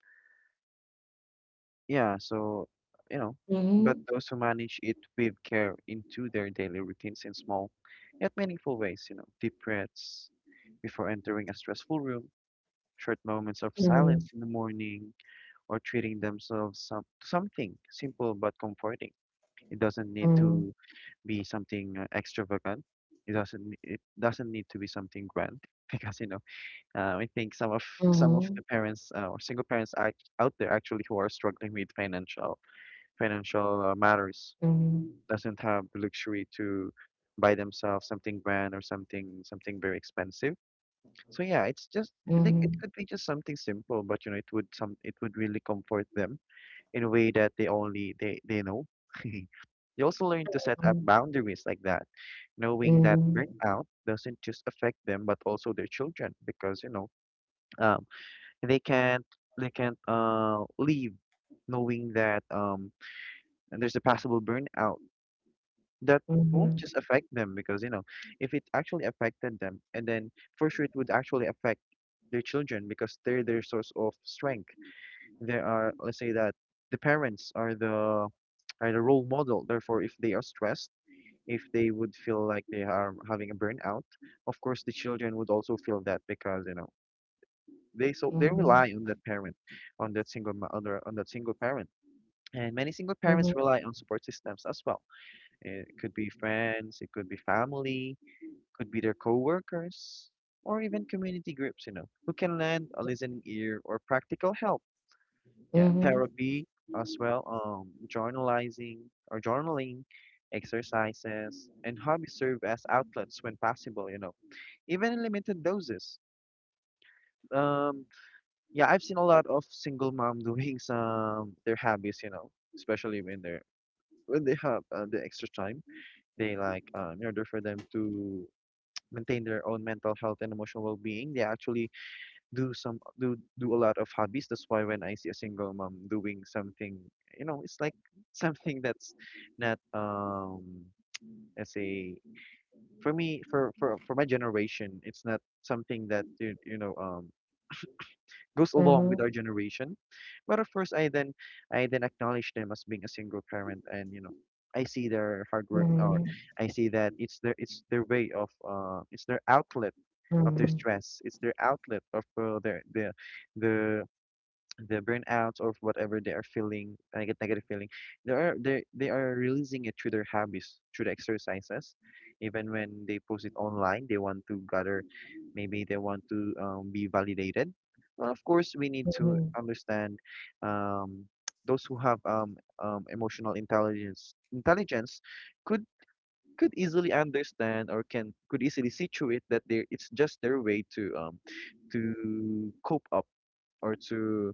Yeah, so, you know, but Mhm. those who manage it with care into their daily routines in small yet meaningful ways, you know, deep breaths before entering a stressful room, short moments of Mhm. silence in the morning, or treating themselves something simple but comforting. It doesn't need to be something extravagant. It doesn't need to be something grand. Because, you know, I think some of Mhm. the parents, or single parents act out there, actually, who are struggling with financial, matters, doesn't have the luxury to buy themselves something brand or something, very expensive. So yeah, it's just, I think it Mhm. could be just something simple, but you know, it would some it would really comfort them in a way that they only, they know. You also learn to set up Mhm. boundaries like that, knowing that Mhm. burnout doesn't just affect them but also their children. Because, you know, um, they can't they can't leave knowing that, and there's a possible burnout that won't Mhm. just affect them. Because, you know, if it actually affected them, and then for sure it would actually affect their children, because they're their source of strength. They are, let's say that the parents are the, are the role model. Therefore, if they are stressed, if they would feel like they are having a burnout, of course the children would also feel that, because you know they so they rely Mhm. on that parent, on that single ma- on, their, on that single parent. And many single parents Mhm. rely on support systems as well. It could be friends, it could be family, could be their coworkers, or even community groups, you know, who can lend a listening ear or practical help. Yeah, Mhm. therapy as well, journalizing or journaling, exercises, and hobbies serve as outlets when possible, you know, even in limited doses. Um, yeah, I've seen a lot of single mom doing some their hobbies, you know, especially when they're, when they have the extra time. They in order for them to maintain their own mental health and emotional well-being, they actually do some do do a lot of hobbies. That's why when I see a single mom doing something, you know, it's like something that's not, let's say, for me, for my generation, it's not something that you know, goes along with Mhm. our generation. But of course, I then acknowledge them as being a single parent. And you know, I see their hard work, Mhm. or Mhm. I see that it's their, it's their way of, it's their outlet Mhm. of their mhm. stress. It's their outlet of, their, the the burnouts, or whatever they are feeling, negative feeling. They are, they are releasing it through their hobbies, through the exercises. Even when they post it online, they want to gather. Maybe they want to be validated. Well, of course, we need to Mhm, understand, um, those who have, emotional intelligence. Could, easily understand, or can could easily situate that they it's just their way to cope up, or to,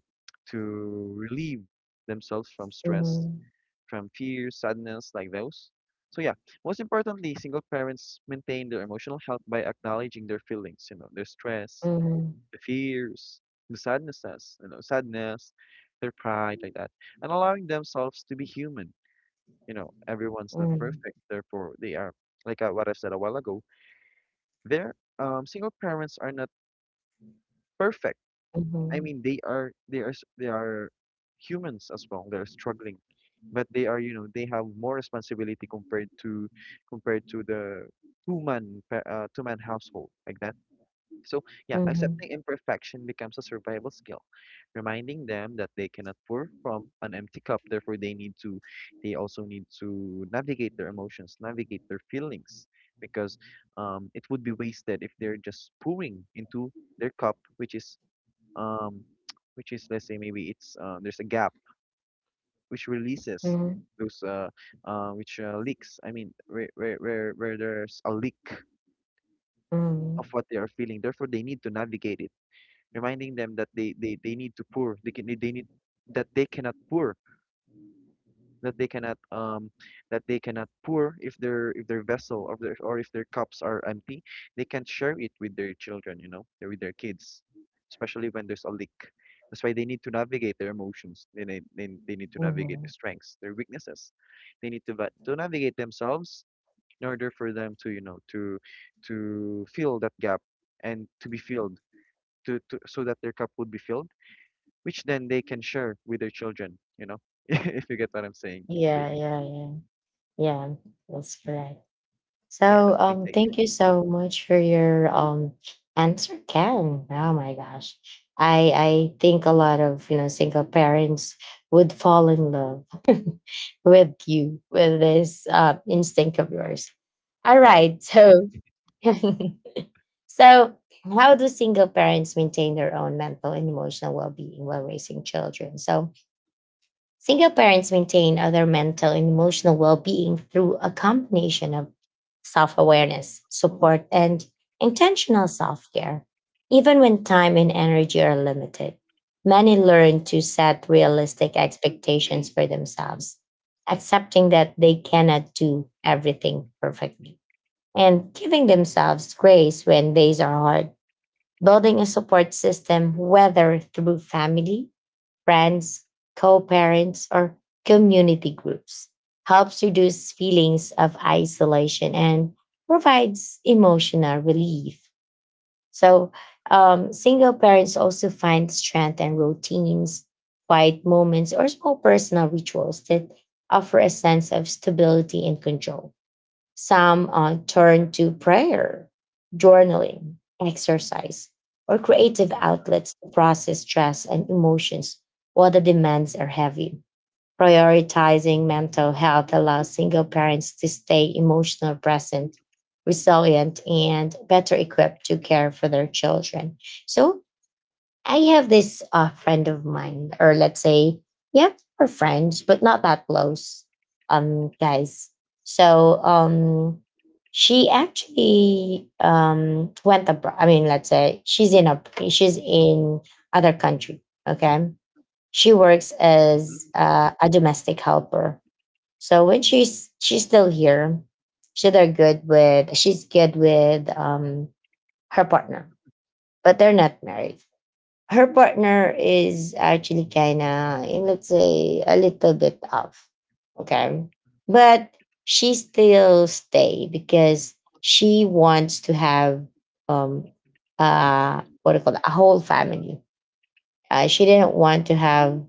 relieve themselves from stress, mhm, from fear, sadness, like those. So yeah, most importantly, single parents maintain their emotional health by acknowledging their feelings, you know, their stress, mhm, the fears, the sadnesses, you know, sadness, their pride, like that, and allowing themselves to be human. You know, everyone's not mhm, perfect. Therefore, they are, like, what I've said a while ago. Their Single parents are not perfect. I mhm, mean, they are, they are humans as well. They're struggling, but they are, you know, they have more responsibility compared to, the two-man household, like that. So yeah, mhm, accepting imperfection becomes a survival skill, reminding them that they cannot pour from an empty cup. Therefore, they need to, they also need to navigate their emotions, navigate their feelings. Because, it would be wasted if they're just pouring into their cup, which is, um, which is, let's say, maybe it's, there's a gap which releases mhm, those, which leaks. I mean, where there's a leak mhm, of what they are feeling. Therefore, they need to navigate it, reminding them that they need to pour, they need, that they cannot pour, that they cannot um that they cannot pour if their, if their vessel, or their, or if their cups are empty, they can't share it with their children, you know, or with their kids, especially when there's a leak. That's why they need to navigate their emotions. They need to navigate their mhm. strengths, their weaknesses. They need to navigate themselves in order for them to, you know, to fill that gap, and to be filled, to, so that their cup would be filled, which then they can share with their children, you know, if you get what I'm saying, Yeah, Bailey. yeah, yeah, yeah. That's correct. Yeah, So, that's my take. thank you so much for your answer, Ken. Oh my gosh, I think a lot of, you know, single parents would fall in love with you, with this instinct of yours. All Uh, right, so so, how do single parents maintain their own mental and emotional well being while raising children? So, single parents maintain other mental and emotional well being through a combination of self awareness, support, and intentional self care. Even when time and energy are limited, many learn to set realistic expectations for themselves, accepting that they cannot do everything perfectly and giving themselves grace when days are hard. Building a support system, whether through family, friends, co parents, or community groups, helps reduce feelings of isolation and provides emotional relief. So, single parents also find strength in routines, quiet moments, or small personal rituals that offer a sense of stability and control. Some turn to prayer, journaling, exercise, or creative outlets to process stress and emotions while the demands are heavy. Prioritizing mental health allows single parents to stay emotionally present, resilient, and better equipped to care for their children. So, I have this friend of mine, or let's say, yeah, we're friends, but not that close, guys. So, she actually, went abroad. I mean, let's say she's in a, she's in other country. Okay, she works as hmm. A domestic helper. So when she's still here, she's they're good with, she's good with, her partner, but they're not married. Her partner is actually kinda, eh, let's say, a little bit off, okay. But she still stay because she wants to have, um what do you call it, a whole family. She didn't want to have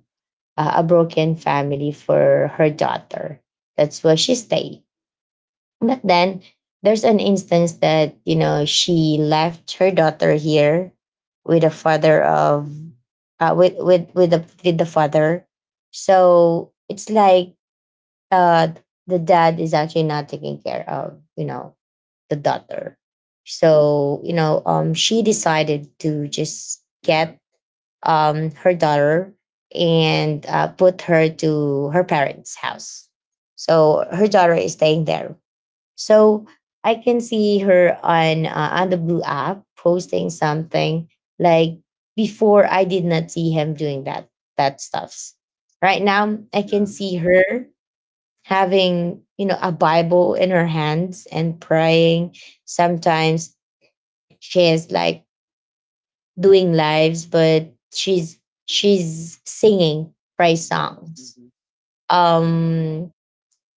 a broken family for her daughter, that's why she stayed. But then there's an instance that, you know, she left her daughter here with a father of, with the father. So it's like, uh the dad is actually not taking care of, you know, the daughter. So, you know, she decided to just Yeah, get, her daughter and, put her to her parents' house. So her daughter is staying there. So I can see her on, on the blue app posting something like, before I did not see him doing that, that stuffs. Right now I can yeah, see her having, you know, a Bible in her hands and praying. Sometimes she is like doing lives, but she's singing praise songs. hmm, yeah, Um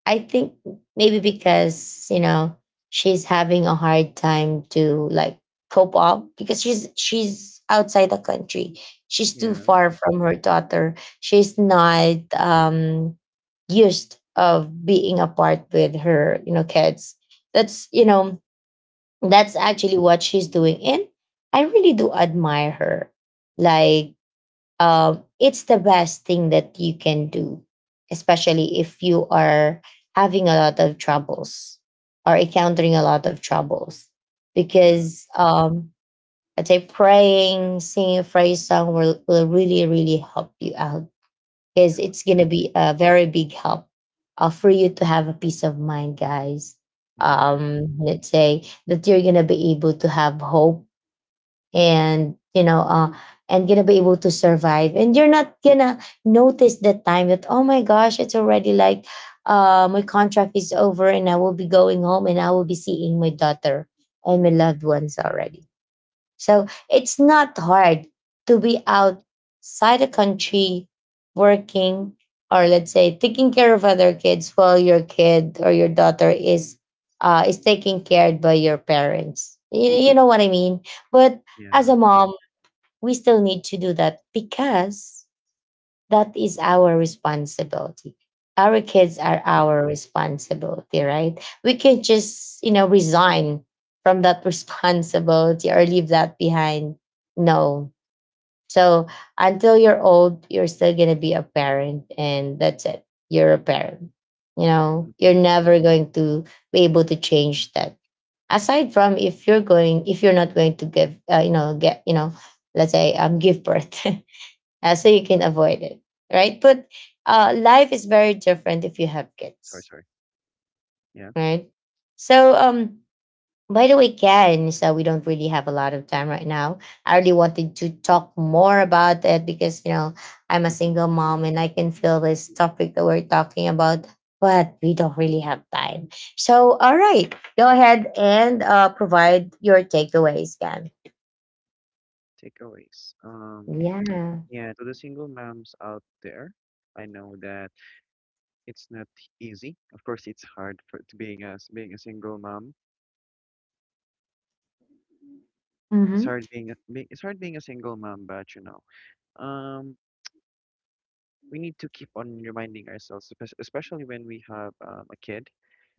I think maybe because, you know, she's having a hard time to, like, cope up, because she's outside the country. She's too yeah, far from her daughter. She's hmm, not, used of being apart with her, you know, kids. That's, you know, that's actually what she's doing, and I really do admire her. Like, it's the best thing that you can do, especially if you are having a lot of troubles or encountering a lot of troubles. yeah, Because, I'd say praying, singing a praise song will really, really help you out, yeah. because it's going to I agree. be a very big help, for you to have a peace of mind, guys. Yeah, I agree. Let's say that you're going to be able to have hope, and you know, and gonna be able to survive, and you're not gonna notice the time that, oh my gosh, it's already like, my contract is over, and I will be going home, and I will be seeing my daughter and my loved ones already. So it's not hard to be outside the country working, or let's say, taking care of other kids while your kid or your daughter is, is taken care by your parents. You know what I mean? But as a Yeah, mom, we still need to do that because that is our responsibility. Our I kids agree. are our responsibility, right? We Mm-hmm. can just, you know, resign from that responsibility or leave that behind. No. So until you're old, you're still going to be a parent, and that's it. You're a parent. You know, Mm-hmm. you're never going to be able to change that. Aside from if you're going, if you're not going to give, you know, get, you know, let's say, give birth. So you can avoid it, right? But life is very different if you have Sorry, kids, sorry. Yeah. right? So, by the way, Ken, so we don't really have a lot of time right now. I really wanted to talk more about it because, you know, I'm a single mom and I can feel this topic that we're talking about, but we don't really have time. So, all right, go ahead and provide your takeaways, Ken. Takeaways. Yeah. Yeah, to the single moms out there, I know that it's not easy. Of course, it's hard for to being a being a single mom. It's Mm-hmm. hard being a being, it's hard being a single mom. But you know, um, we need to keep on reminding ourselves, especially when we have, a kid,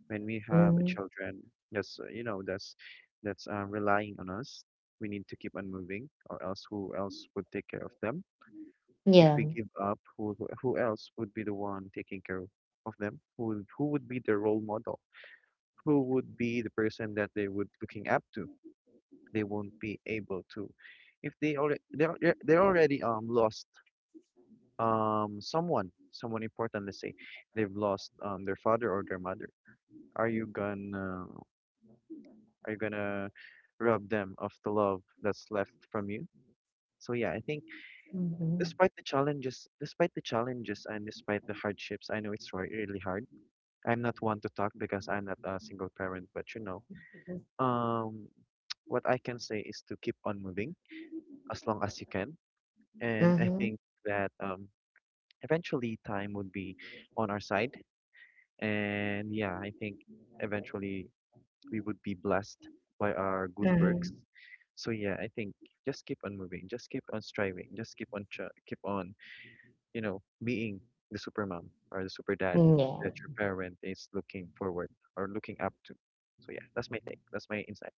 when we have a Mm, children that's, you know, that's, relying on us. We need to keep on moving, or else who else would take care of them? If yeah. we give up, who else would be the one taking care of them? Who would be the role model? Who would be the person that they would looking up to? They won't be able to, if they already they're already, lost, someone important. Let's say they've lost, their father or their mother. Are you gonna, are you gonna rob them of the love that's left from you? So yeah, I think, Mm-hmm. Despite the challenges and despite the hardships, I know it's really hard. I'm not one to talk, because I'm not a single parent. But you know, um what I can say is to keep on moving as long as you can. And I Mm-hmm. think that, eventually time would be on our side. And yeah, I think eventually we would be blessed by our good works. Mhm. So yeah, I think just keep on moving, just keep on striving, just keep on tr keep on, you know, being the super mom or the super dad that Yeah. your parent is looking forward or looking up to. So yeah, that's my take. That's my insight.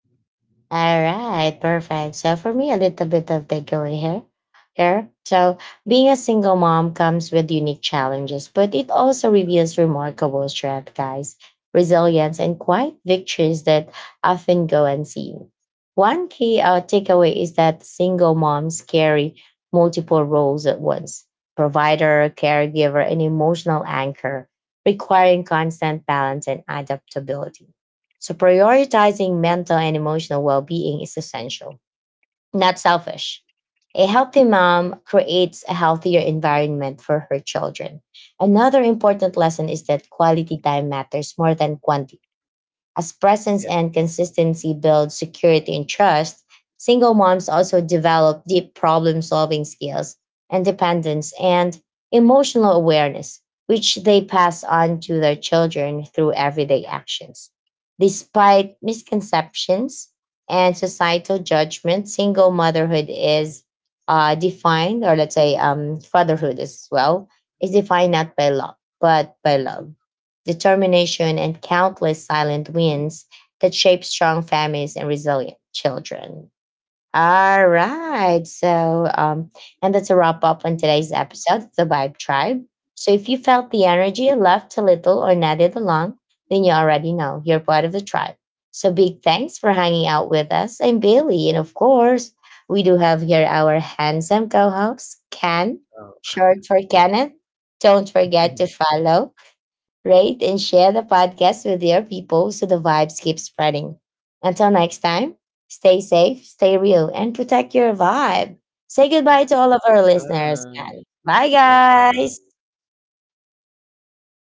All right. Perfect. So for me, a little bit of takeaway here. Here. So being a single mom comes with unique challenges, but it also reveals remarkable strength, guys, resilience, and quiet victories that often go unseen. One key takeaway is that single moms carry multiple roles at once: provider, caregiver, and emotional anchor, requiring constant balance and adaptability. So prioritizing mental and emotional well-being is essential, not selfish. A healthy mom creates a healthier environment for her children. Another important lesson is that quality time matters more than quantity, as presence Yeah, and consistency build security and trust. Single moms also develop deep problem solving skills, independence, and emotional awareness, which they pass on to their children through everyday actions. Despite misconceptions and societal judgment, single motherhood is, defined, or let's say, fatherhood as well, is defined not by luck, but by love, determination, true. and countless silent wins that shape strong families and resilient children. All right. So, and that's a wrap up on today's episode of the Vibe Tribe. So, if you felt the energy, laughed a little, or nodded along, then you already know you're part of the tribe. So, big thanks for hanging out with us. I'm Billy. And of course, we do have here our handsome co host, Ken, Oh, short for Kenneth. Don't forget to follow, rate, and share the podcast with your people so the vibes keep spreading. Until next time, stay safe, stay real, and protect your vibe. Say yeah. goodbye to all of our listeners, Bye. guys. Bye, Bye bye. guys.